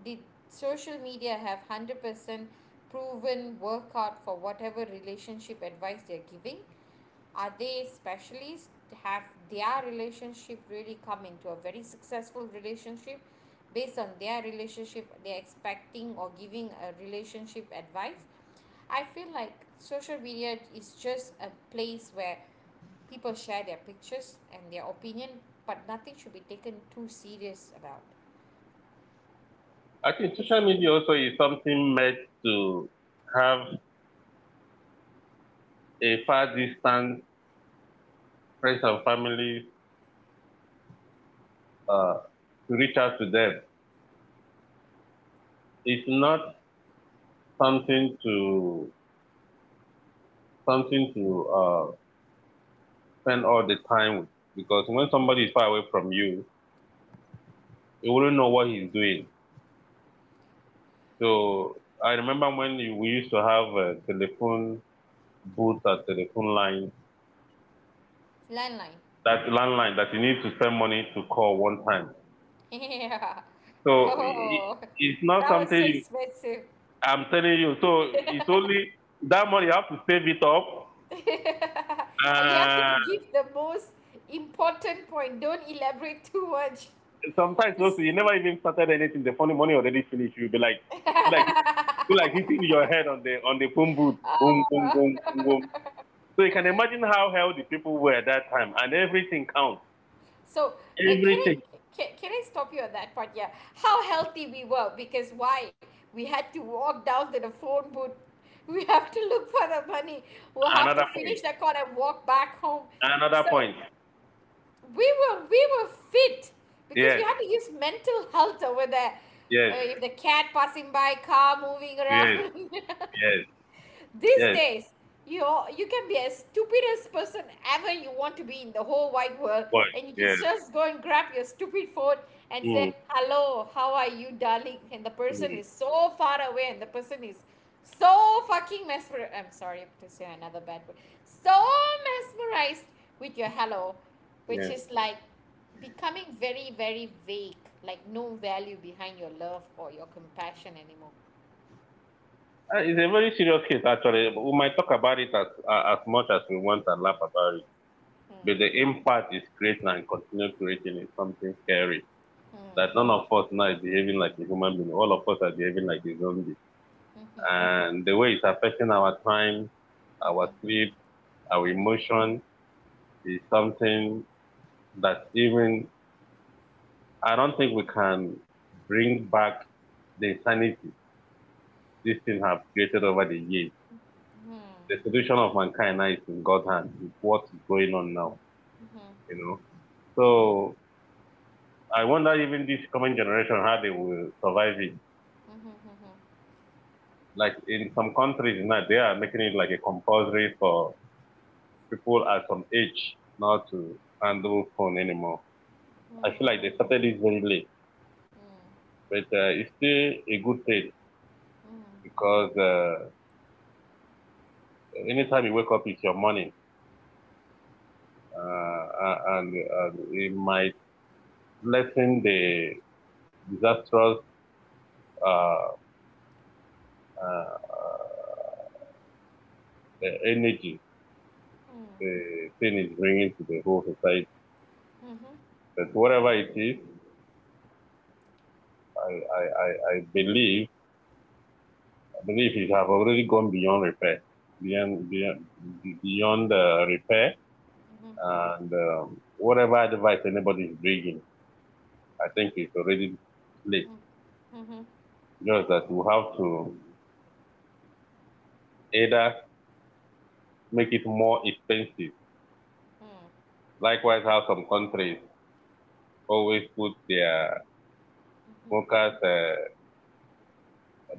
Did social media have 100% proven workout for whatever relationship advice they're giving? Are they specialists? Have their relationship really come into a very successful relationship based on their relationship they're expecting or giving a relationship advice? I feel like social media is just a place where people share their pictures and their opinion, but nothing should be taken too serious about.
I think
If
social media also is something meant to have a far distance friends and families uh, to reach out to them. It's not something to something to uh, spend all the time with because when somebody is far away from you, you wouldn't know what he's doing. So I remember when we used to have a telephone booth or telephone line,
Landline.
that landline that you need to spend money to call one time.
*laughs* Yeah.
So i-
Oh,
it's
that
not
was so
something you.
expensive.
I'm telling you. So it's only that money you have to save it up.
*laughs* You have to
Uh,
give the most important point. Don't elaborate too much.
Sometimes also
'Cause-
you never even started anything. The funny money already finished. You'll be like, be like
*laughs*
hitting your head on the phone booth. Boom,
Ah.
boom, boom, boom, boom. So you can imagine how healthy people were at that time, and everything counts.
So can I,
Everything.
can I stop you on that part? Yeah, how healthy we were, because why? We had to walk down to the phone booth. We have to look for the money. We'll have to
Another
finish
point.
that call and walk back home.
Another
So
point.
we were fit, because we
Yes.
had to use mental health over there.
Yes.
If the cat passing by, car moving
Yes.
around. *laughs*
Yes.
These
Yes.
days, you you can be as stupidest person ever you want to be in the whole wide world,
Point.
and you can
Yes.
just go and grab your stupid phone and say,
Mm,
"Hello, how are you, darling?" And the person
mm,
is so far away, and the person is so fucking mesmerized. I'm sorry to say another bad word. So mesmerized with your hello, which
yes.
is like becoming very very vague, like no value behind your love or your compassion anymore.
It's a very serious case, actually. We might talk about it as much as we want and laugh about it, but the impact is creating and continue creating is something scary. That none of us now is behaving like a human being. All of us are behaving like a zombie, and the way it's affecting our time, our sleep, our
Mhm,
emotion is something that even I don't think we can bring back the insanity this thing have created over the years. The solution of mankind now is in God's hand. With what is going on now, you know. So I wonder even this coming generation how they will survive it.
mhm, mhm, mhm,
Like in some countries now they are making it like a compulsory for people at some age not to handle phone anymore. I feel like they started this very late, but it's still a good thing because anytime you wake up, it's your morning, uh, and it might lessen the disastrous uh, uh, uh, the energy
mhm,
the thing is bringing to the whole society.
mhm.
But whatever it is, I, I, I, I believe I believe it have already gone beyond repair, beyond beyond beyond repair,
Mhm.
and whatever advice anybody is bringing, I think it's already late.
嗯，嗯哼，
Just that we have to either make it more expensive.
嗯，
Likewise, how some countries always put their smokers,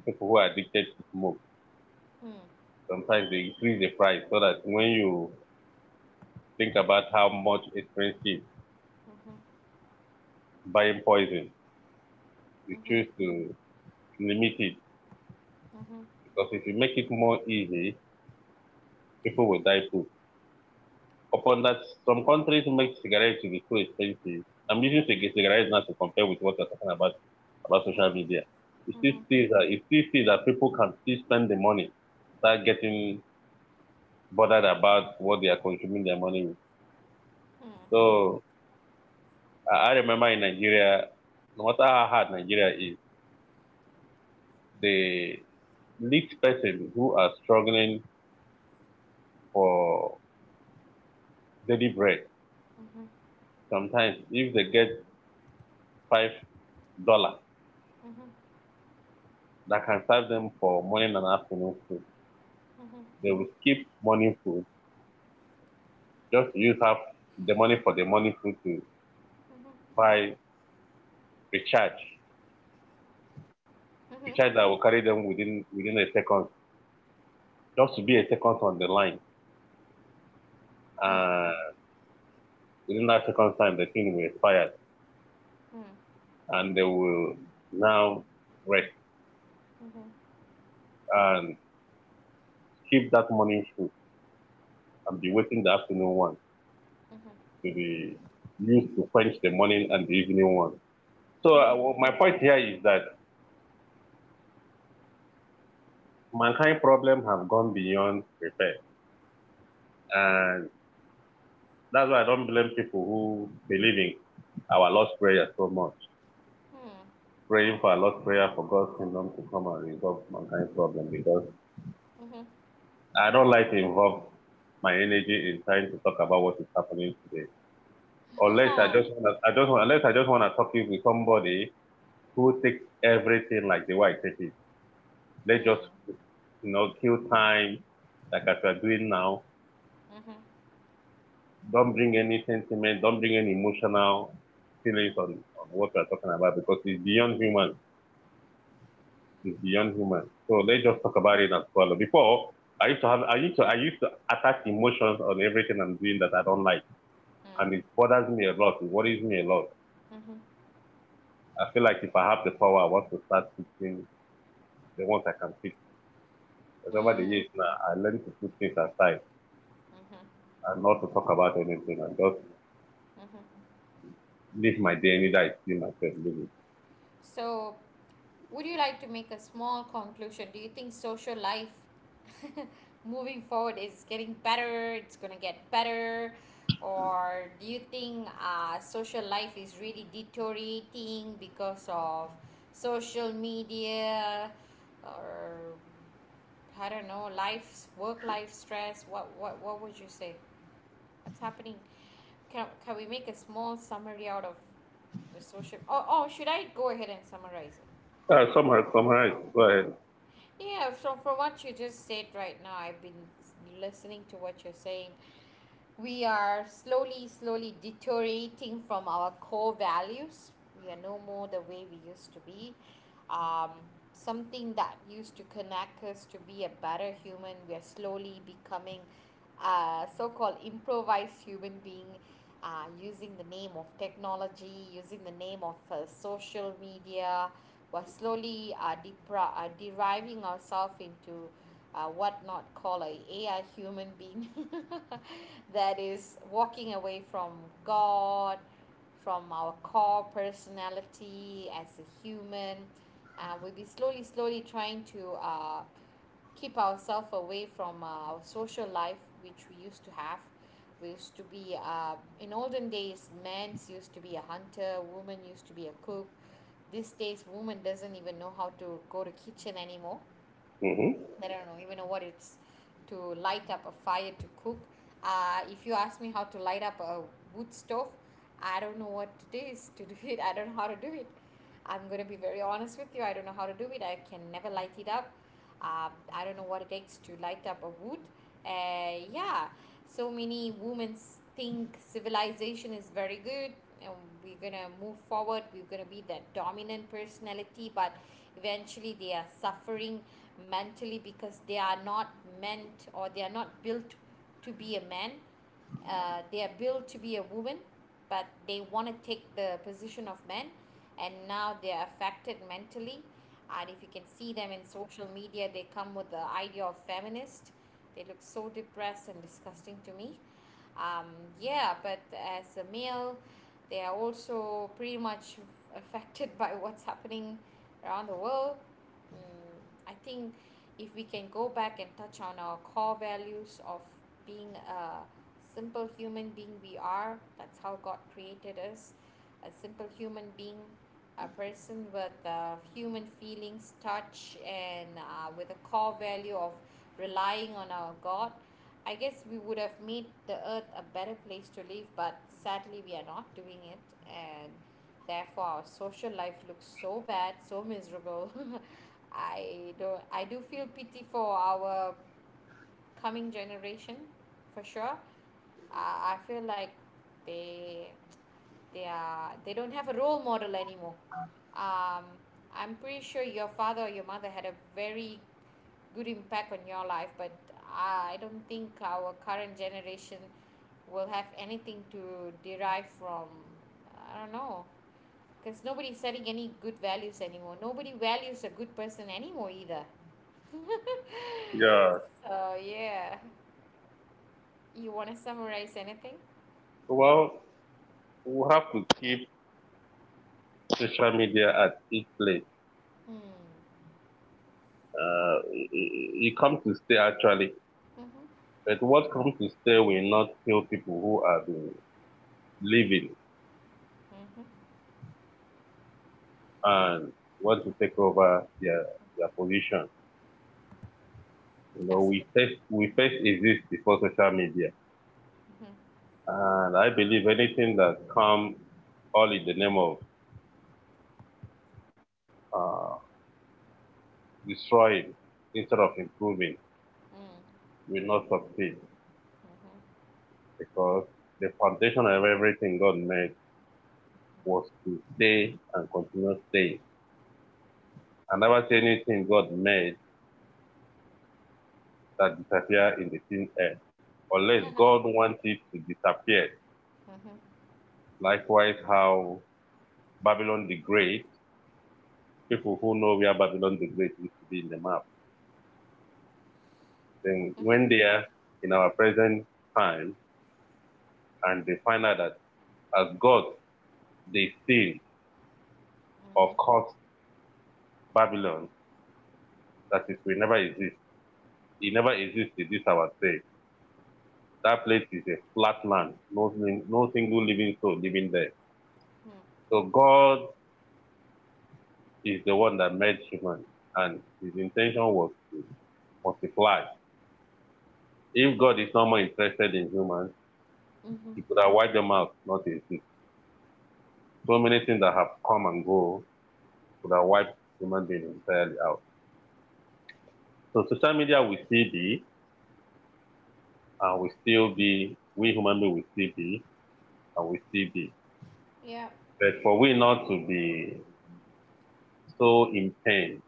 people who are addicted to smoke,
嗯，
sometimes they increase the price so that when you think about how much expensive
嗯哼，
buying poison. You
嗯哼，
choose to limit it
嗯哼，
because if you make it more easy, people will die too. Upon that, some countries make cigarettes to be so expensive. I'm using cigarettes now to compare with what you're talking about social media.
嗯 哼，
You still see that people can still spend the money without getting bothered about what they are consuming their money with. So I remember in Nigeria, no matter how hard Nigeria is, the least person who are struggling for deliberate
嗯哼，嗯哼，
sometimes if they get $5
嗯哼，
that can serve them for morning and afternoon food,
嗯哼，嗯哼，
they will skip morning food just to use half the money for the morning food to buy recharge,
嗯，嗯，嗯哼，嗯哼，嗯，
recharge that will carry them within a second, just to be a second on the line, uh within that second time the thing will expire and they will now rest and skip that morning food and be waiting the afternoon one to be used to quench the morning and the evening one. So my point here is that mankind problem have gone beyond repair, and that's why I don't blame people who believe in our Lord's prayer so much,
嗯，
praying for our Lord's prayer for God's kingdom to come and resolve mankind's problem. Because
嗯哼，
I don't like to involve my energy in trying to talk about what is happening today,
哈
unless I
哈，
just wanna, I just want, unless I just want to talk it with somebody who takes everything like the way I take it. Let's
嗯，
just, you know, kill time like as we're doing now.
嗯哼，
Don't bring any sentiment, don't bring any emotional feelings on what we're talking about because it's beyond human. It's beyond human. So let's just talk about it and swallow. Before I used to attach emotions on everything I'm doing that I don't like.
嗯，
And it bothers me a lot. It worries me a lot.
嗯哼，
I feel like if I have the power I want to start fixing the ones I can fix. But over
嗯，
the years now I learned to put things aside
嗯哼，
and not to talk about anything and just
嗯哼。
live my day and day I see myself living.
So, would you like to make a small conclusion? Do you think social life *laughs* moving forward is getting better? It's going to get better? Or do you think social life is really deteriorating because of social media, or I don't know, life's work, life stress? What would you say? What's happening? Can we make a small summary out of the social? Oh, should I go ahead and summarize it?
Summarize, summarize. Go ahead.
Yeah, so from what you just said right now, I've been listening to what you're saying. We are slowly, slowly deteriorating from our core values. We are no more the way we used to be. Um, Something that used to connect us to be a better human, we are slowly becoming so-called improvised human being, using the name of technology, using the name of social media. We're slowly deriving ourselves into what not call a AI human being *laughs* that is walking away from God, from our core personality as a human. We'll be slowly, slowly trying to keep ourselves away from our social life which we used to have. We used to be, in olden days, men used to be a hunter, woman used to be a cook. These days, woman doesn't even know how to go to kitchen anymore.
Mm-hmm.
I don't know even know what it's to light up a fire to cook. If you ask me how to light up a wood stove, I don't know what it is to do it. I don't know how to do it. I'm gonna be very honest with you. I don't know how to do it. I can never light it up. I don't know what it takes to light up a wood. Yeah, so many women think civilization is very good, and we're gonna move forward, we're gonna be that dominant personality, but eventually they are suffering mentally, because they are not meant or they are not built to be a man. They are built to be a woman, but they want to take the position of men, and now they're affected mentally. And if you can see them in social media, they come with the idea of feminist. They look so depressed and disgusting to me. um, yeah, but as a male, they are also pretty much *laughs* affected by what's happening around the world. mm I think if we can go back and touch on our core values of being a simple human being we are, that's how God created us, a simple human being, a person with human feelings touch, and with a core value of relying on our God. I guess we would have made the earth a better place to live, but sadly we are not doing it, and therefore our social life looks so bad, so miserable. *laughs* I do feel pity for our coming generation, for sure. I feel like they they don't have a role model anymore. um, I'm pretty sure your father or your mother had a very good impact on your life, but I don't think our current generation will have anything to derive from. I don't know, because nobody's setting any good values anymore. Nobody values a good person anymore either.
Yeah.
Oh yeah. You want to summarize anything?
Well, we have to keep social media at its place. It comes to stay actually,
Mm-hmm.
but what comes to stay will not kill people who have been living
Mm-hmm.
and want to take over their position. You know,
Absolutely.
we first we first exist before social media, and I believe anything that comes all in the name of uh, destroying instead of improving
Mm-hmm.
will not succeed, because the foundation of everything God made was to stay and continue staying, and never see anything God made that disappear in the thin air, unless God wanted to disappear.
Mm-hmm.
Likewise, how Babylon the Great, people who know where Babylon the Great used to be in the map, then
Mm-hmm.
when they are in our present time and they find out that as God they sin or
Mm-hmm.
curse Babylon, that it will never exist. It never exists in this our day. That place is a flat land, no, no single living soul living there.
Mm-hmm.
So God is the one that made human, and His intention was to multiply. If God is not more interested in humans,
Mm-hmm.
He could have wiped them out, not exist. So many things that have come and go could have wiped human beings entirely out. So social media will still be, and will still be, we human beings will still be, and will still be.
Yeah.
But for we not to be so in pain,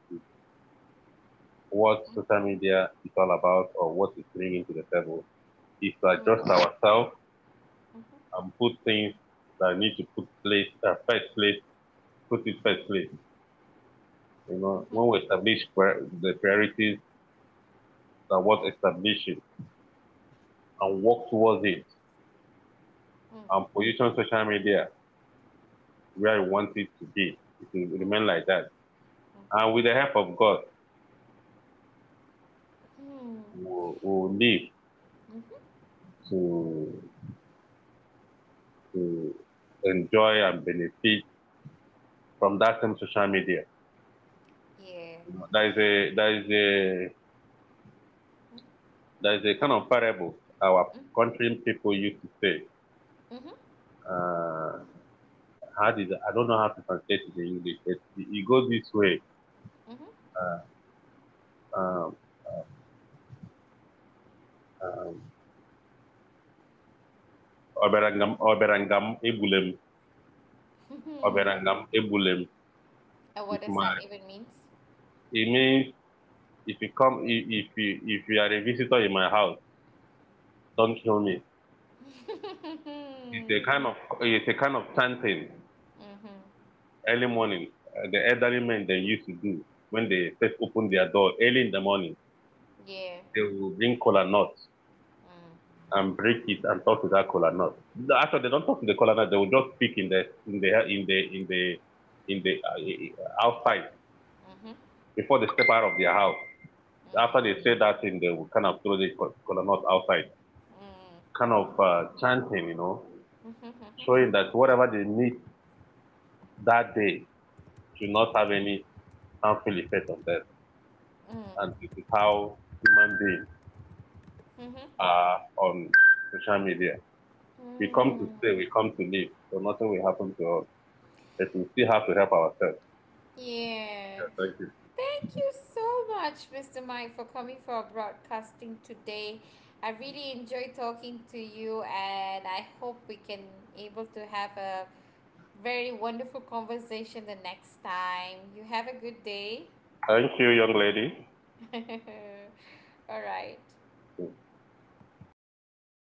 what social media is all about or what it's bringing to the table is to
Mm-hmm.
adjust ourselves
Mm-hmm.
and put things that need to put place first place, put it first place. You know,
Mm-hmm.
when we establish the priorities, that what establishes and work towards it
Mm-hmm.
and position social media where we want it to be, it will remain like that. And with the
Mm-hmm.
help of God, we will live
Mm-hmm.
to to enjoy and benefit from that same social media.
Yeah.
There is a there is a there is a kind
Mm-hmm.
of parable our country people used to say.
Mm-hmm.
Uh, how did I don't know how to translate it in English, but it goes this way. Uh, um, um, Oberangam Ebulem,
Mm-hmm. *laughs*
Oberangam Ebulem.
And what
If
does
my
that even mean?
it means if you come I- if you are a visitor in my house, don't kill me.
*laughs*
It's
Mm-hmm.
a kind of it's a kind of chanting early morning. The elderly men they used to do when they first open their door early in the morning,
Yeah.
they will bring cola nut and break it and talk to that cola nut. No. Actually, they don't talk to the cola nut. They will just speak in the in the in the in the in the outside
Mm-hmm.
before they step out of their house. After
Mm.
they say that thing, they will kind of throw the cola nut outside, kind of chanting, you know, showing that whatever they need that day should not have any harmful effect on them. And this is how human beings
Mm-hmm.
are on social media. We come to
Mm.
stay, we come to live, so nothing will happen to us, but we still have to help ourselves.
Yeah.
Yeah, thank you.
Thank you so much, Mr. Mike, for coming for our broadcasting today. I really enjoyed talking to you, and I hope we can able to have a very wonderful conversation the next time. You have a good day.
Thank you, young lady.
*laughs* All right.